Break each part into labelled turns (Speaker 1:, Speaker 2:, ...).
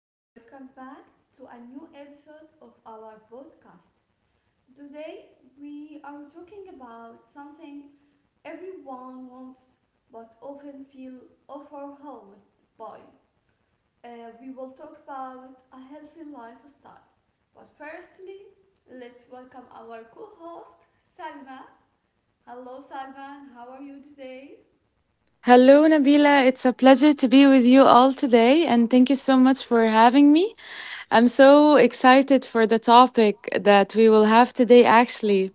Speaker 1: and welcome back to a new episode of our podcast. Today, we are talking about something everyone wants but often feel overwhelmed by. Uh, we will talk about a healthy lifestyle. But firstly, let's welcome our co host, Salma. Hello, Salma. How are you today?
Speaker 2: Hello, Nabila. It's a pleasure to be with you all today, and thank you so much for having me. I'm so excited for the topic that we will have today, actually.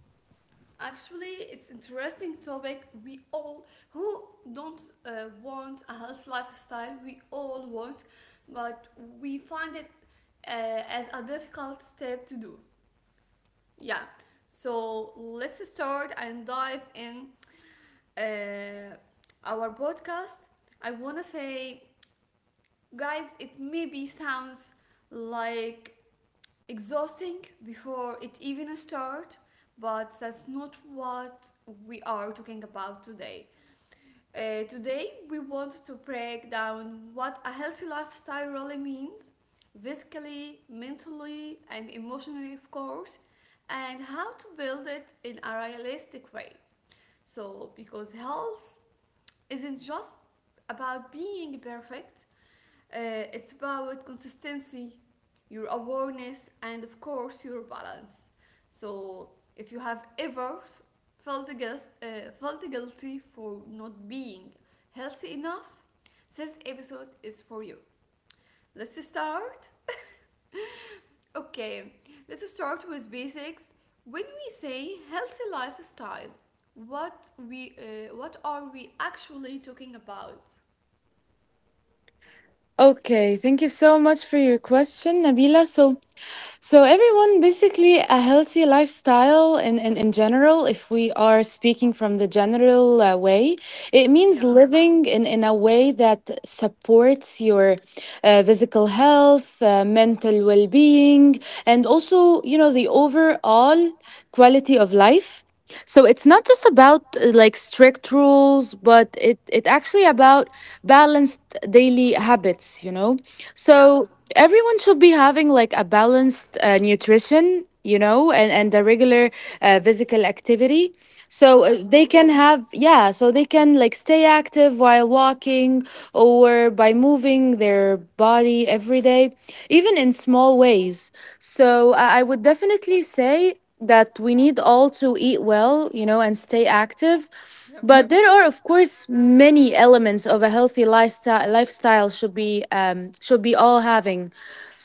Speaker 1: Actually, it's interesting topic. We all who don't want a health lifestyle, we all want, but we find it as a difficult step to do. Yeah. So let's start and dive in uh, our podcast. I wanna say, guys, it maybe sounds like exhausting before it even starts, but that's not what we are talking about today. Today, we want to break down what a healthy lifestyle really means, physically, mentally, and emotionally, of course, and how to build it in a realistic way. So, because health isn't just about being perfect, it's about consistency, your awareness, and of course, your balance. So, if you have ever felt, guilt, felt guilty for not being healthy enough, this episode is for you. Let's start. Okay, let's start with basics. When we say healthy lifestyle, what are we actually talking about?
Speaker 2: Okay, thank you so much for your question, Nabila. So, everyone, basically a healthy lifestyle in general, if we are speaking from the general way, it means
Speaker 1: Yeah,
Speaker 2: living in a way that supports your physical health, mental well-being, and also, you know, the overall quality of life. So it's not just about like strict rules, but it actually about balanced daily habits, you know,
Speaker 1: yeah,
Speaker 2: so everyone should be having like a balanced nutrition, you know, and a regular physical activity, so
Speaker 1: yeah, of
Speaker 2: they can
Speaker 1: course.
Speaker 2: have, yeah, so they can like stay active while walking or by moving their body every day, even in small ways. So I would definitely say that we need all to eat well, you know, and stay active.
Speaker 1: Yep.
Speaker 2: But there are of course many elements of a healthy lifestyle. Lifestyle should be all having.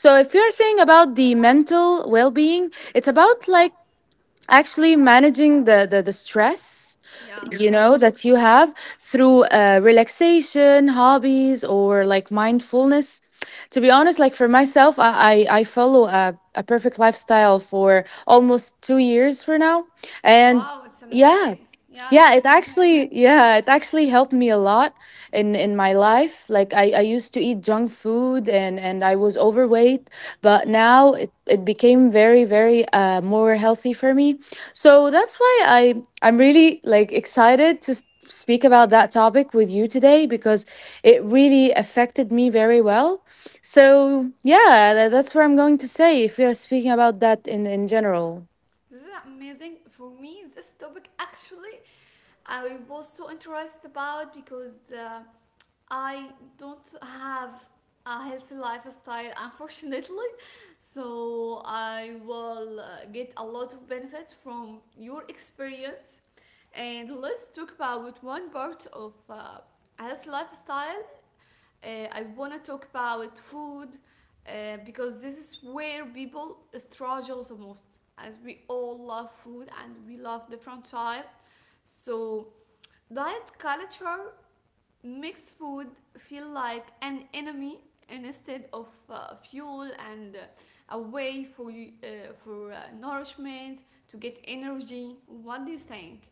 Speaker 2: So if you're saying about the mental well-being, it's about like actually managing the stress,
Speaker 1: Yeah, of
Speaker 2: you know,
Speaker 1: course.
Speaker 2: that you have through relaxation, hobbies, or like mindfulness. To be honest, like for myself, I follow a perfect lifestyle for almost 2 years for now. And
Speaker 1: Wow, it's
Speaker 2: yeah.
Speaker 1: amazing. Yeah, it's amazing.
Speaker 2: Yeah, it actually helped me a lot in my life. Like I used to eat junk food, and I was overweight, but now it became very very more healthy for me. So that's why I'm really like excited to speak about that topic with you today, because it really affected me very well. So, yeah, that's what I'm going to say if we are speaking about that in general.
Speaker 1: This is amazing for me. This topic actually I was so interested about because I don't have a healthy lifestyle, unfortunately. So I will get a lot of benefits from your experience. And let's talk about one part of healthy lifestyle, I want to talk about food because this is where people struggle the most, as we all love food and we love different type. So diet culture makes food feel like an enemy instead of fuel and a way for you for nourishment to get energy. What do you think?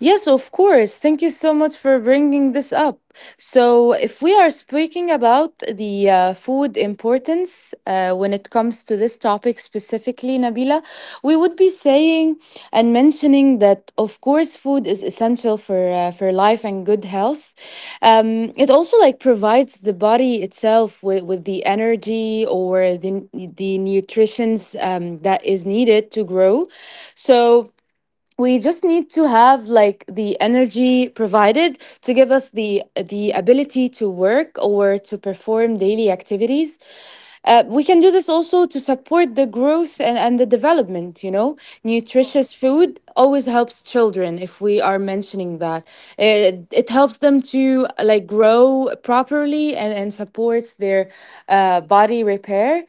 Speaker 2: Yes, of course. Thank you so much for bringing this up. So, if we are speaking about the food importance when it comes to this topic specifically, Nabila, we would be saying and mentioning that, of course, food is essential for life and good health. It also like provides the body itself with the energy or the nutritions that is needed to grow. So we just need to have like the energy provided to give us the ability to work or to perform daily activities. We can do this also to support the growth and the development, you know.
Speaker 1: Of course.
Speaker 2: Nutritious food always helps children, if we are mentioning that. It helps them to like grow properly, and supports their body repair.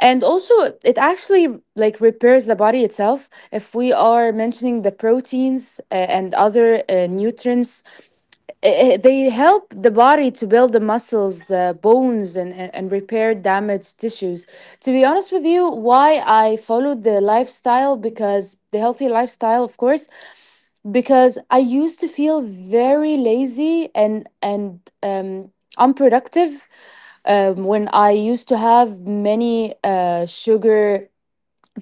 Speaker 2: And also, it actually like repairs the body itself. If we are mentioning the proteins and other nutrients, they
Speaker 1: Yep.
Speaker 2: help the body to build the muscles, the bones, and repair damaged tissues. To be honest with you, why I followed the lifestyle, because the healthy lifestyle, of course, because I used to feel very lazy, and unproductive when I used to have many sugar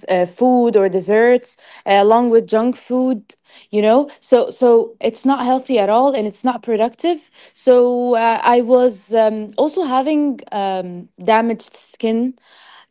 Speaker 2: food or desserts along with junk food, you know. So it's not healthy at all and it's not productive. So I was also having damaged skin,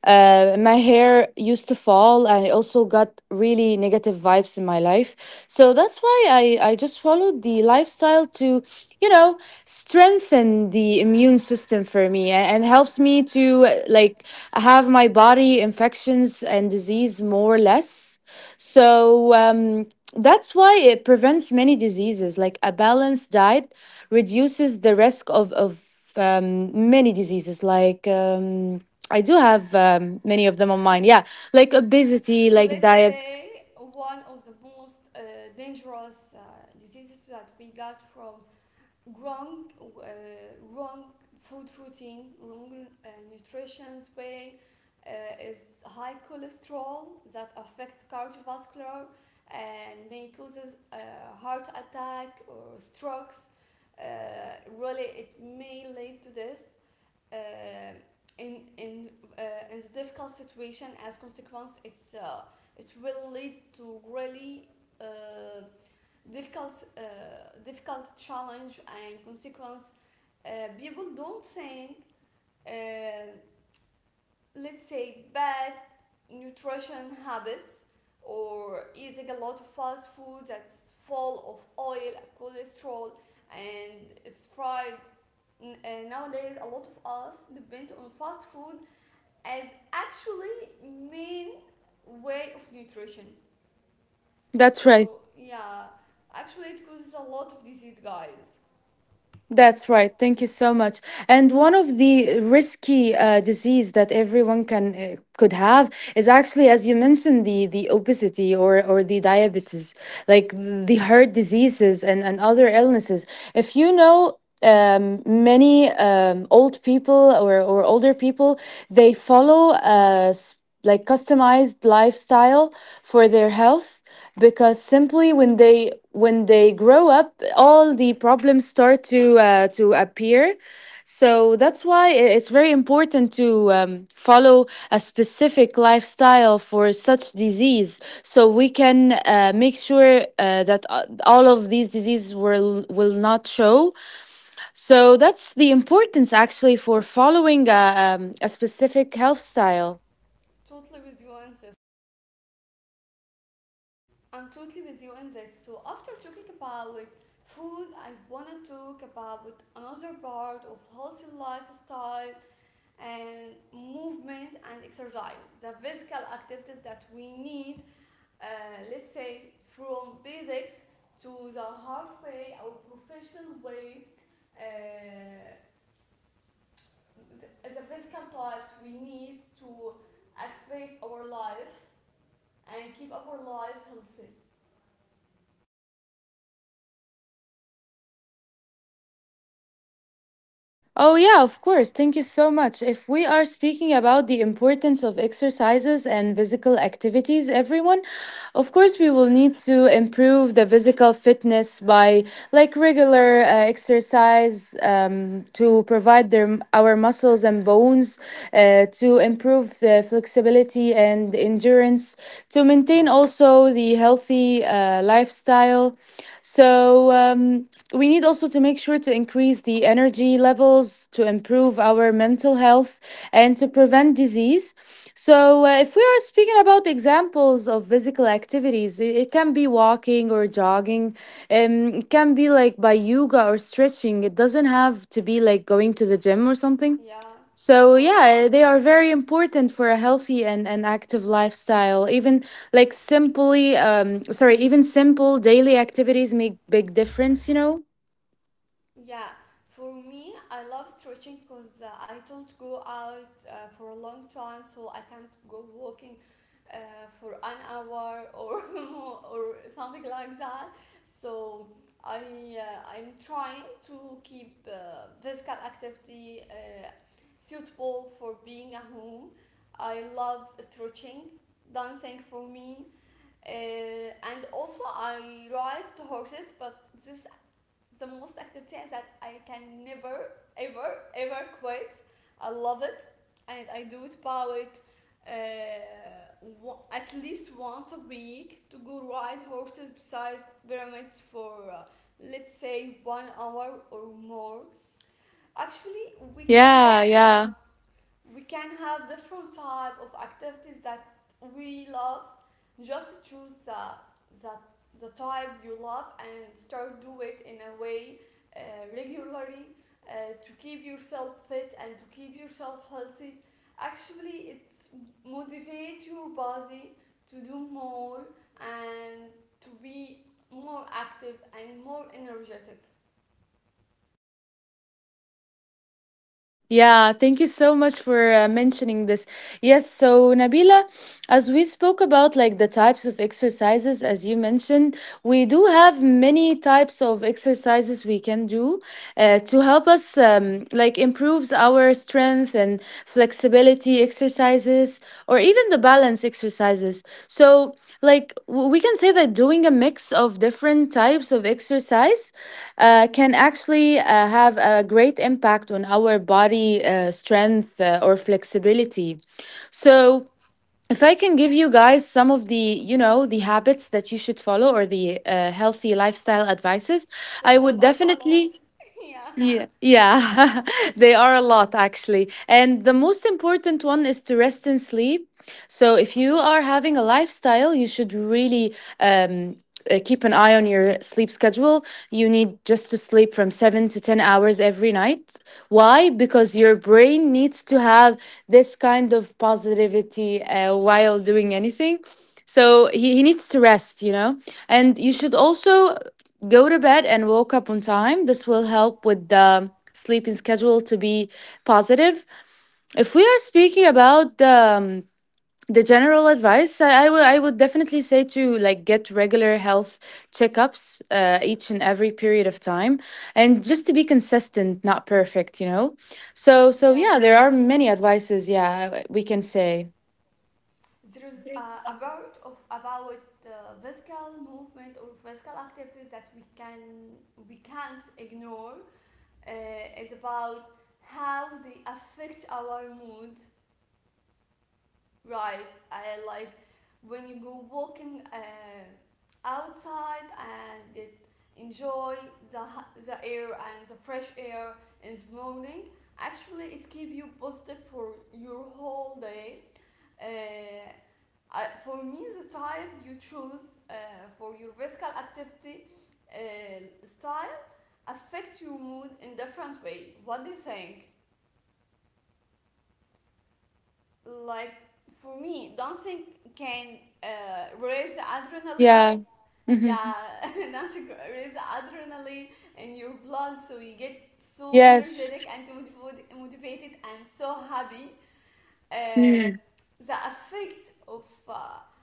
Speaker 2: my hair used to fall. I also got really negative vibes in my life. So that's why I just followed the lifestyle to, you know, strengthen the immune system for me and helps me to like have my body infections and disease more or less. So that's why it prevents many diseases. Like a balanced diet reduces the risk of many diseases like. I do have many of them on mine. Yeah, like obesity, like
Speaker 1: Let's
Speaker 2: diet.
Speaker 1: say one of the most dangerous diseases that we got from wrong uh, wrong food routine, wrong nutrition way, uh, is high cholesterol that affect cardiovascular and may causes heart attack or strokes. Uh, really it may lead to this uh, in in in the difficult situation. As consequence it, uh, it will lead to really uh, difficult uh, difficult challenge and consequence. Uh, people don't think, uh, let's say bad nutrition habits or eating a lot of fast food that's full of oil and cholesterol and it's fried. Nowadays a lot of us depend on fast food as actually main way of nutrition,
Speaker 2: That's right.
Speaker 1: so yeah, actually it causes a lot of disease, guys.
Speaker 2: That's right. Thank you so much. And one of the risky disease that everyone can could have is actually, as you mentioned, the obesity or the diabetes, like the heart diseases and other illnesses. If you know. Many old people or older people, they follow like customized lifestyle for their health, because simply when they grow up, all the problems start to appear. So that's why it's very important to follow a specific lifestyle for such disease, so we can make sure that all of these diseases will not show. So that's the importance actually for following a specific health style.
Speaker 1: Totally with you on this. I'm totally with you in this. So after talking about food, I want to talk about another part of healthy lifestyle and movement and exercise. The physical activities that we need, uh, let's say from basics to the hard way or professional way, uh, the physical types we need to activate our life and keep our life healthy.
Speaker 2: Oh, yeah, of course. Thank you so much. If we are speaking about the importance of exercises and physical activities, everyone, of course, we will need to improve the physical fitness by like regular exercise, to provide their, our muscles and bones, to improve the flexibility and endurance, to maintain also the healthy lifestyle. So we need also to make sure to increase the energy levels, to improve our mental health, and to prevent disease. So if we are speaking about examples of physical activities, it can be walking or jogging. Um, it can be like by yoga or stretching. It doesn't have to be like going to the gym or something.
Speaker 1: Yeah, of
Speaker 2: So
Speaker 1: course.
Speaker 2: yeah, they are very important for a healthy and active lifestyle. Even even simple daily activities make big difference, you know?
Speaker 1: Yeah, for me, I love stretching because I don't go out for a long time, so I can't go walking uh, for an hour or more or something like that. So I I'm trying to keep physical activity suitable for being at home. I love stretching, dancing for me, and also I ride horses, but this the most activity that I can never, ever, ever quit. I love it, and I do it about uh, at least once a week to go ride horses beside pyramids for let's say one hour or more. Actually, we can,
Speaker 2: Yeah,
Speaker 1: yeah,
Speaker 2: yeah.
Speaker 1: we can have different type of activities that we love. Just choose the type you love and start do it in a way uh, regularly to keep yourself fit and to keep yourself healthy. Actually, it's motivate your body to do more and to be more active and more energetic.
Speaker 2: Yeah, thank you so much for mentioning this. Yes, so Nabila, as we spoke about like the types of exercises as you mentioned, we do have many types of exercises we can do to help us like improves our strength and flexibility exercises, or even the balance exercises. So, like, we can say that doing a mix of different types of exercise can actually have a great impact on our body strength or flexibility. So, if I can give you guys some of the, you know, the habits that you should follow or the healthy lifestyle advices,
Speaker 1: It
Speaker 2: I
Speaker 1: will
Speaker 2: would
Speaker 1: help us a
Speaker 2: definitely
Speaker 1: lot. Yeah.
Speaker 2: yeah, yeah, they are a lot actually. And the most important one is to rest and sleep. So if you are having a lifestyle, you should really um, keep an eye on your sleep schedule. You need just to sleep from seven to 10 hours every night. Why? Because your brain needs to have this kind of positivity while doing anything. So he needs to rest, you know? And you should also go to bed and woke up on time. This will help with the sleeping schedule to be positive. If we are speaking about the general advice, I would definitely say to like get regular health checkups each and every period of time, and just to be consistent not perfect, you know. So
Speaker 1: Yeah,
Speaker 2: yeah, there are many advices, yeah, we can say.
Speaker 1: there is a part of about physical movement or physical activities that we can't ignore, is about how they affect our mood, right? I like when you go walking outside and get enjoy the the air and the fresh air in the morning. Actually it keep you positive for your whole day. uh, I, for me the type you choose for your physical activity style affect your mood in different way. What do you think? Like for me, dancing can raise adrenaline.
Speaker 2: Yeah. Hmm.
Speaker 1: Yeah. Dancing raise adrenaline in your blood, so you get so
Speaker 2: Yes.
Speaker 1: energetic and motivated and so happy. uh,
Speaker 2: Mhm.
Speaker 1: the effect of uh, uh,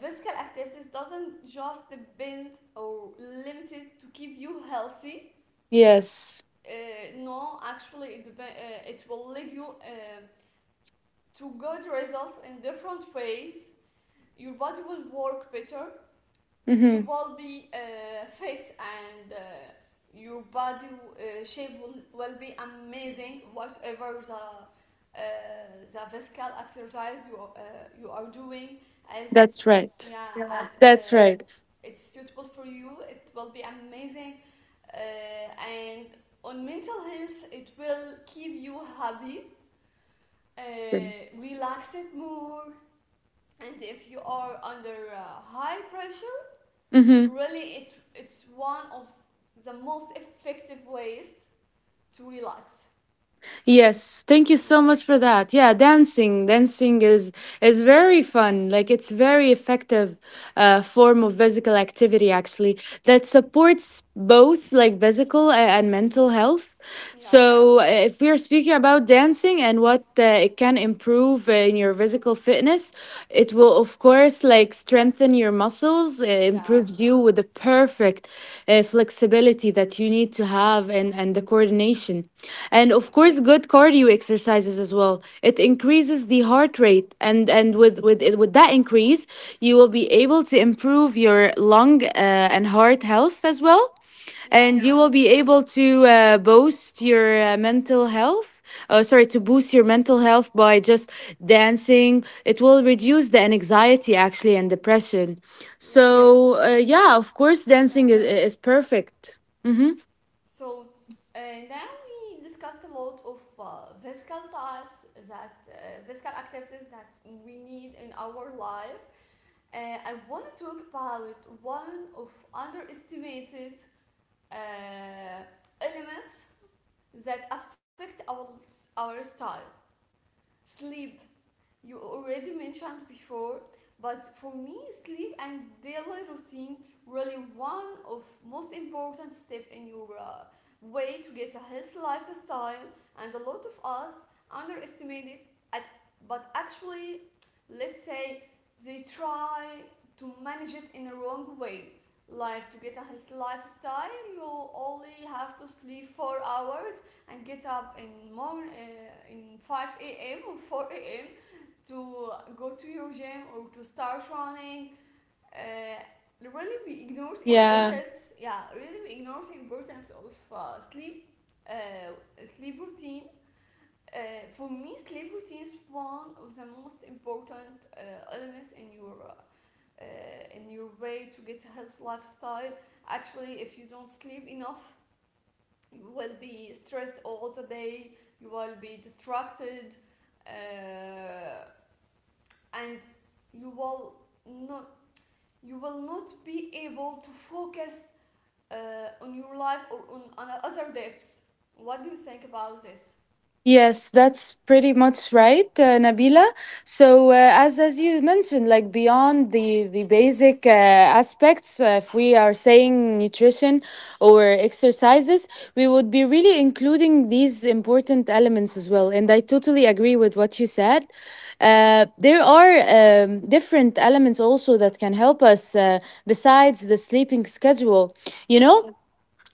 Speaker 1: physical activities doesn't just depend or limited to keep you healthy.
Speaker 2: Yes.
Speaker 1: No actually it, it will lead you to good result in different ways. Your body will work better. You
Speaker 2: Hmm.
Speaker 1: will be fit and your body shape will be amazing, whatever uh, the physical exercise you you are doing. as
Speaker 2: That's right.
Speaker 1: yeah as uh,
Speaker 2: That's right.
Speaker 1: it's suitable for you, it will be amazing, and on mental health it will keep you happy, uh, relax it more. And if you are under high pressure,
Speaker 2: Hmm.
Speaker 1: really, it's one of the most effective ways to relax.
Speaker 2: Yes, thank you so
Speaker 1: Yeah,
Speaker 2: much for that. Yeah, dancing, dancing is very fun, like it's very effective form of physical activity actually that supports both like physical and mental health.
Speaker 1: yeah,
Speaker 2: So if we are speaking about dancing and what it can improve in your physical fitness, it will of course like strengthen your muscles,
Speaker 1: yeah,
Speaker 2: improves you with the perfect flexibility that you need to have and the coordination. And
Speaker 1: yeah,
Speaker 2: of course good cardio exercises as well. It increases the heart rate and with that increase, you will be able to improve your lung and heart health as well.
Speaker 1: yeah,
Speaker 2: And you will be able to boost your mental health. To boost your mental health by just dancing. It will reduce the anxiety actually and depression.
Speaker 1: yeah,
Speaker 2: So, yeah, of course,
Speaker 1: yeah.
Speaker 2: dancing is perfect. Mm-hmm.
Speaker 1: So uh, now we discussed a lot of physical activities that we need in our life. Uh, I want to talk about one of underestimated uh, elements that affect our style: sleep. You already mentioned before, but for me sleep and daily routine really one of most important step in your way to get a healthy lifestyle, and a lot of us underestimate it at, but actually let's say they try to manage it in a wrong way, like to get a healthy lifestyle you only have to sleep 4 hours and get up in 5 a.m. or 4 a.m. to go to your gym or to start running. Uh, really, we ignore the
Speaker 2: Yeah.
Speaker 1: importance. Yeah, really, we ignore the importance of sleep routine. Uh, for me, sleep routine is one of the most important elements uh, in your way to get a healthy lifestyle. Actually, if you don't sleep enough, you will be stressed all the day. You will be distracted. Uh, and you will not be able to focus on your life or on other depths. What do you think about this?
Speaker 2: Yes, that's pretty much right, Nabila. So, as you mentioned, like beyond the basic aspects, if we are saying nutrition or exercises, we would be really including these important elements as well. And I totally agree with what you said. There are different elements also that can help us besides the sleeping schedule. You
Speaker 1: Yeah,
Speaker 2: know,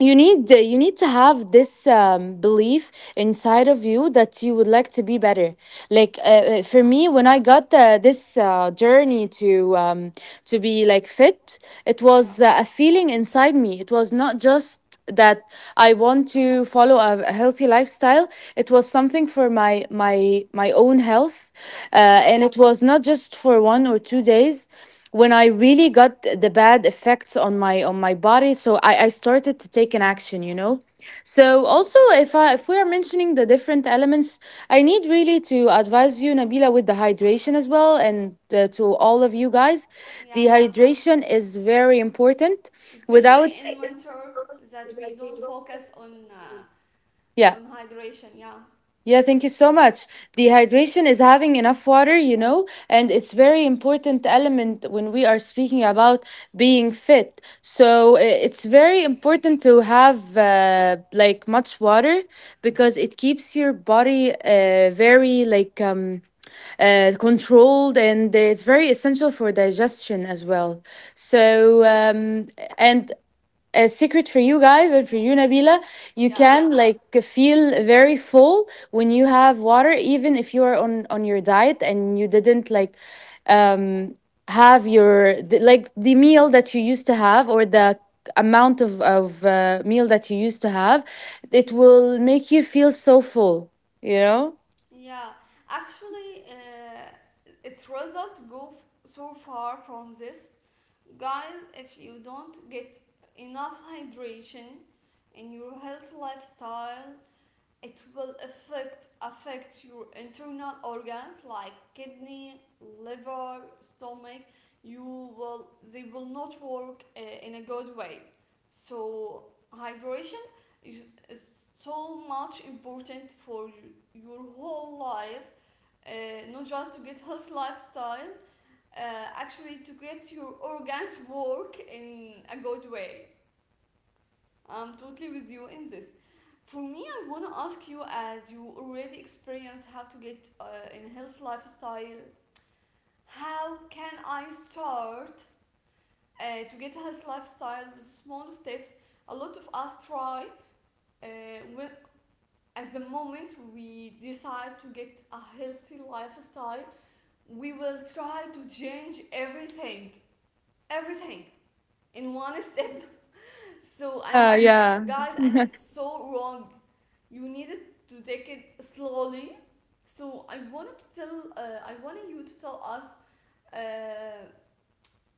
Speaker 2: you need to have this belief inside of you that you would like to be better, like for me when I got this journey to be like fit, it
Speaker 1: yeah,
Speaker 2: was a feeling inside me, it was not just that I want to follow a healthy lifestyle, it was something for my my own health,
Speaker 1: yeah,
Speaker 2: and it was not just for one or two days. When I really got the bad effects on my body, so I started to take an action, you know.
Speaker 1: yeah,
Speaker 2: So also, if we are mentioning the different elements, I need really to advise you, Nabila, with the hydration as well, and to all of you guys, the
Speaker 1: yeah.
Speaker 2: hydration is very important.
Speaker 1: Especially
Speaker 2: Without
Speaker 1: in winter, that we don't focus
Speaker 2: yeah.
Speaker 1: on hydration. Yeah,
Speaker 2: Yeah, thank you so much. Dehydration is having enough water, you know, and it's very important element when we are speaking about being fit. It's very important to have like much water because it keeps your body very like controlled, and it's very essential for digestion as well. So
Speaker 1: yeah,
Speaker 2: um and a secret for you guys and for you, Nabila, you
Speaker 1: yeah,
Speaker 2: can like feel very full when you have water, even if you are on your diet and you didn't like um have your the, like the meal that you used to have, or the amount of meal that you used to have. It will make you feel so full, you know.
Speaker 1: yeah. Actually, its result go so far from this. Guys, if you don't get enough hydration in your health lifestyle, it will affect your internal organs like kidney, liver, stomach. You will they will not work in a good way. So hydration is so much important for your whole life, not just to get health lifestyle, actually to get your organs work in a good way. I'm totally with you in this. For me, I want to ask you as you already experience how to get in a health lifestyle, how can I start to get a health lifestyle with small steps? A lot of us try uh, when, at the moment we decide to get a healthy lifestyle, we will try to change everything. Everything in one step. So and
Speaker 2: Yeah,
Speaker 1: it's,
Speaker 2: yeah,
Speaker 1: guys, and it's so wrong. You needed to take it slowly. So I wanted to tell, I wanted you to tell us uh,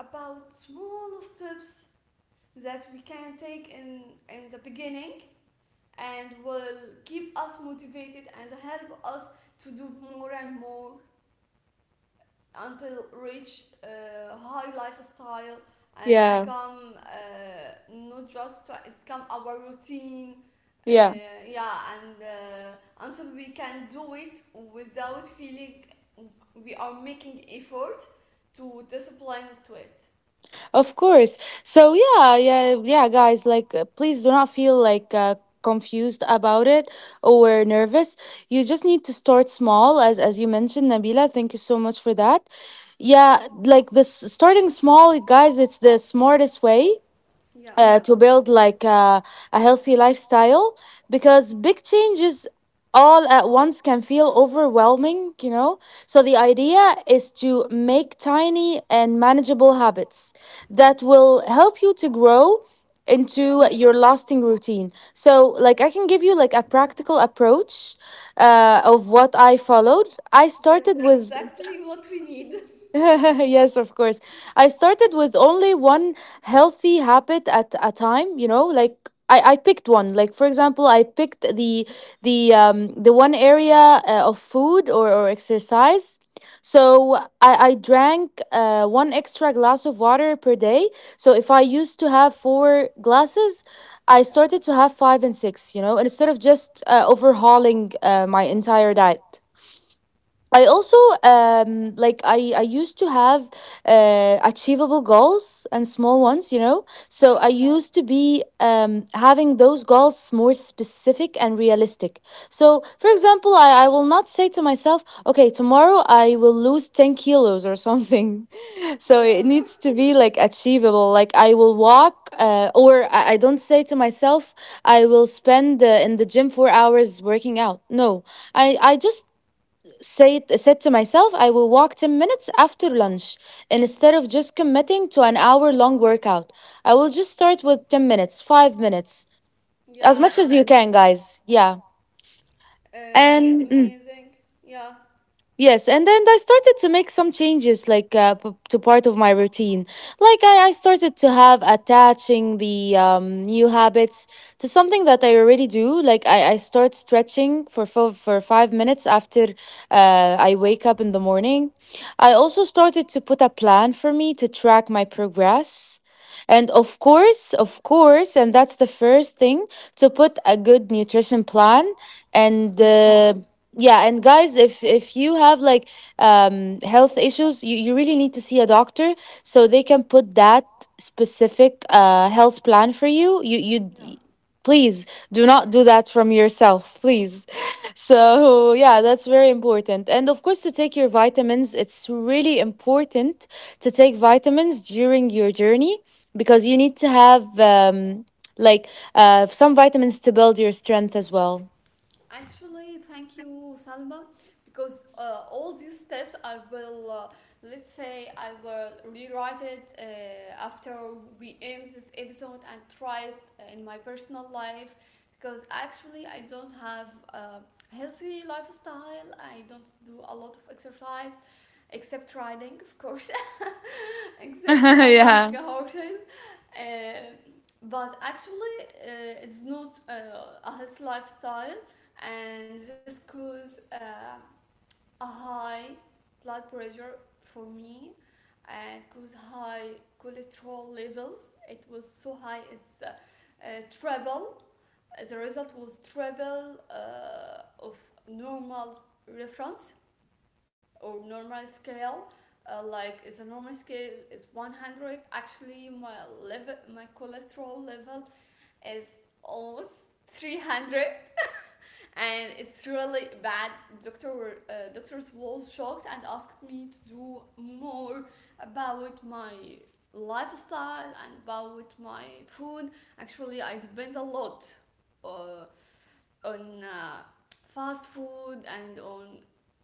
Speaker 1: about small steps that we can take in the beginning and will keep us motivated and help us to do more and more until reach high lifestyle and
Speaker 2: yeah,
Speaker 1: become not just to become our routine, uh,
Speaker 2: yeah.
Speaker 1: yeah, and until we can do it without feeling we are making effort to discipline to it.
Speaker 2: Of course. So yeah, yeah, yeah, guys. Like, please do not feel like confused about it or nervous. You just need to start small, as you mentioned, Nabila. Thank you so much for that. Yeah, like this starting small, guys. It's the smartest way
Speaker 1: Yeah,
Speaker 2: to build like a healthy lifestyle, because big changes all at once can feel overwhelming, you know? So the idea is to make tiny and manageable habits that will help you to grow into
Speaker 1: yeah,
Speaker 2: your lasting routine. So like I can give you like a practical approach of what I followed. I
Speaker 1: that's
Speaker 2: started with
Speaker 1: exactly what we need.
Speaker 2: yes, of course. I started with only one healthy habit at a time, you know. Like I picked one. Like for example, I picked the one area of food or exercise. So I drank one extra glass of water per day. So if I used to have four glasses, I
Speaker 1: Yeah.
Speaker 2: started to have five and six, you know, instead of just overhauling my entire diet. I also
Speaker 1: Well,
Speaker 2: like I used to have achievable goals and small ones, you know. So I
Speaker 1: yeah,
Speaker 2: used to be having those goals more specific and realistic. So for example, I will not say to myself, okay, tomorrow I will lose 10 kilos or something. So
Speaker 1: yeah.
Speaker 2: it needs to be like achievable. Like I will walk or I don't say to myself I will spend in the gym 4 hours working out. No. I just said to myself, I will walk 10 minutes after lunch instead of just committing to an hour long workout. I will just start with 10 minutes, 5 minutes, as
Speaker 1: Yeah,
Speaker 2: much
Speaker 1: and,
Speaker 2: as you can, guys. Yeah.
Speaker 1: it's
Speaker 2: And mm.
Speaker 1: amazing. Yeah,
Speaker 2: Yes, and then I started to make some changes, like to part of my routine. Like I started to have attaching the new habits to something that I already do. Like I start stretching for for 5 minutes after I wake up in the morning. I also started to put a plan for me to track my progress. And of course, and that's the first thing, to put a good nutrition plan
Speaker 1: of
Speaker 2: and
Speaker 1: course.
Speaker 2: yeah. And guys, if you have like health issues, you really need to see a doctor, so they can put that specific health plan for you.
Speaker 1: Yeah.
Speaker 2: Please do not do that from yourself, please. So yeah, that's very important. And of course, to take your vitamins, it's really important to take vitamins during your journey, because you need to have like some vitamins to build your strength as well.
Speaker 1: Actually, thank you, Salma, because all these steps I will, let's say, I will rewrite it after we end this episode and try it in my personal life. Because actually, I don't have a healthy lifestyle. I don't do a lot of exercise, except riding, of course, except riding
Speaker 2: Yeah.
Speaker 1: horses. Uh, but actually, it's not a healthy lifestyle, and this caused a high blood pressure for me and caused high cholesterol levels. It was so high, it's treble. The result was treble of normal reference or normal scale. Like the normal scale is 100. Actually, my level, my cholesterol level is almost 300, and it's really bad. Doctors was shocked and asked me to do more about my lifestyle and about my food. Actually, I depend a lot uh, on fast food and on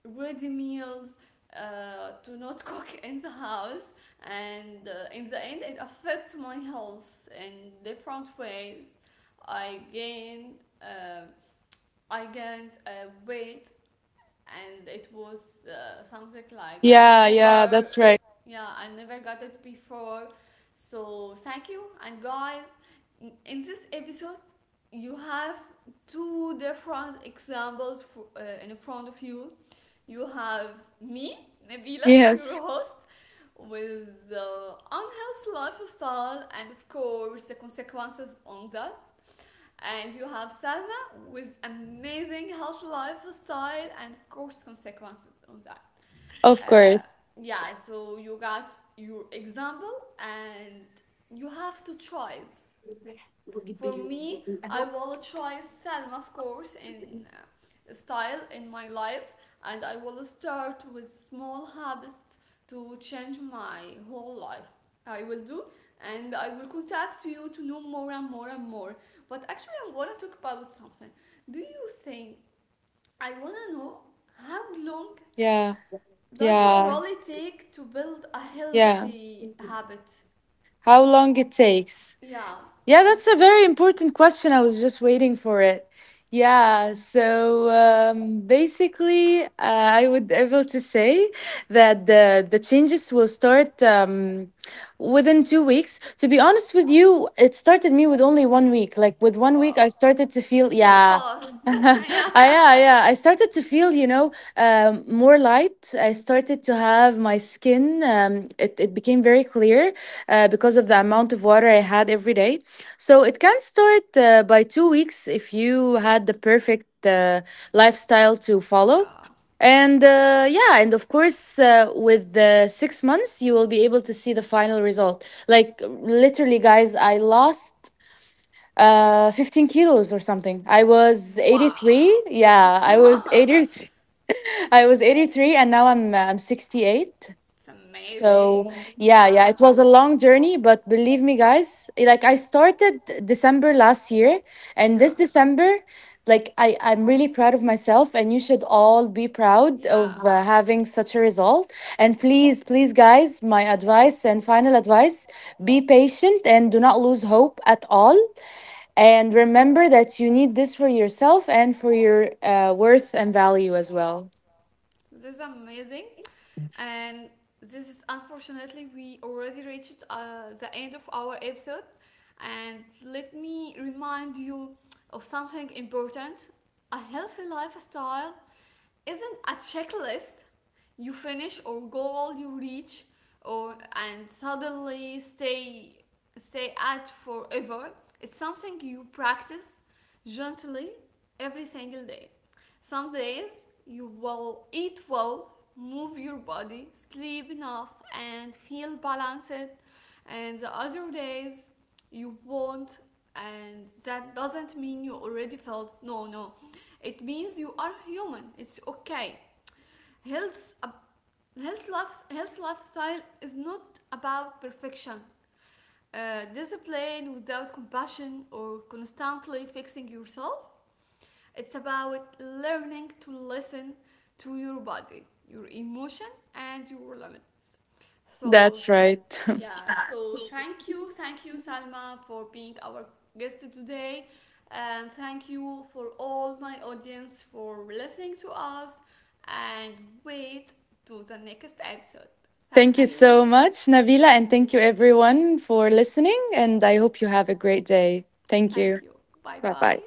Speaker 1: ready meals. To not cook in the house, and in the end it affects my health in different ways. i gained um, I gained weight, and it was something like I
Speaker 2: Yeah, yeah,
Speaker 1: never,
Speaker 2: that's right.
Speaker 1: yeah, I never got it before. So thank you, and guys, in- this episode, you have two different examples for, in front of you. You have me, Nabila, your
Speaker 2: Yes,
Speaker 1: host, with unhealthy lifestyle and of course the consequences on that, and you have Salma with amazing healthy lifestyle and of course consequences on that.
Speaker 2: of
Speaker 1: Uh,
Speaker 2: course.
Speaker 1: yeah, so you got your example and you have to try it. For me, I will try Salma, of course, in style in my life, and I will start with small habits to change my whole life. I will do, and I will contact you to know more and more and more. But actually, I want to talk about something. Do you think I want to know how long
Speaker 2: Yeah,
Speaker 1: does it
Speaker 2: yeah,
Speaker 1: really take to build a
Speaker 2: yeah.
Speaker 1: healthy habit?
Speaker 2: How long it takes?
Speaker 1: Yeah.
Speaker 2: Yeah, that's a very important question. I was just waiting for it. Yeah, so basically, I would able to say that the changes will start within 2 weeks. To be honest with you, it started me with only one week. Like with one week,
Speaker 1: Wow.
Speaker 2: I started to feel
Speaker 1: It's so
Speaker 2: yeah,
Speaker 1: fast.
Speaker 2: ah,
Speaker 1: Yeah.
Speaker 2: yeah, yeah. I started to feel, you know, more light. I started to have my skin, it became very clear because of the amount of water I had every day. So it can start by 2 weeks if you had the perfect lifestyle to follow.
Speaker 1: Yeah.
Speaker 2: And yeah, and of course, with the 6 months, you will be able to see the final result. Like, literally, guys, I lost 15 kilos or something. I was
Speaker 1: Wow.
Speaker 2: 83, yeah, I was
Speaker 1: Wow.
Speaker 2: 83. I was 83, and now I'm I'm 68.
Speaker 1: It's
Speaker 2: So
Speaker 1: amazing.
Speaker 2: yeah, yeah,
Speaker 1: Yeah.
Speaker 2: it was a long journey, but believe me, guys, like I started December last year and this
Speaker 1: Yeah.
Speaker 2: December, like I'm really proud of myself, and you should all be proud
Speaker 1: Yeah.
Speaker 2: of having such a result. And please, please guys, my advice and final advice: be patient and do not lose hope at all, and
Speaker 1: Yeah,
Speaker 2: remember that you need this for yourself and for your worth and value as well.
Speaker 1: this is amazing. And this is, unfortunately, we already reached the end of our episode. And let me remind you of something important. A healthy lifestyle isn't a checklist you finish or goal you reach or and suddenly stay at forever. It's something you practice gently every single day. Some days you will eat well, move your body, sleep enough, and feel balanced, and the other days you won't. And that doesn't mean you already felt no, no. It means you are human. It's okay. Health, uh, health lifestyle is not about perfection. Discipline without compassion or constantly fixing yourself, it's about learning to listen to your body, your emotion, and your limits. So,
Speaker 2: That's right.
Speaker 1: yeah, so thank you, Salma, for being our guest today. And thank you for all my audience for listening to us. And wait to the next episode.
Speaker 2: Thank you
Speaker 1: Thank you.
Speaker 2: so much, Nabila, and thank you everyone for listening. And I hope you have a great day. Thank you.
Speaker 1: Thank you. Bye
Speaker 2: Bye
Speaker 1: bye.
Speaker 2: bye.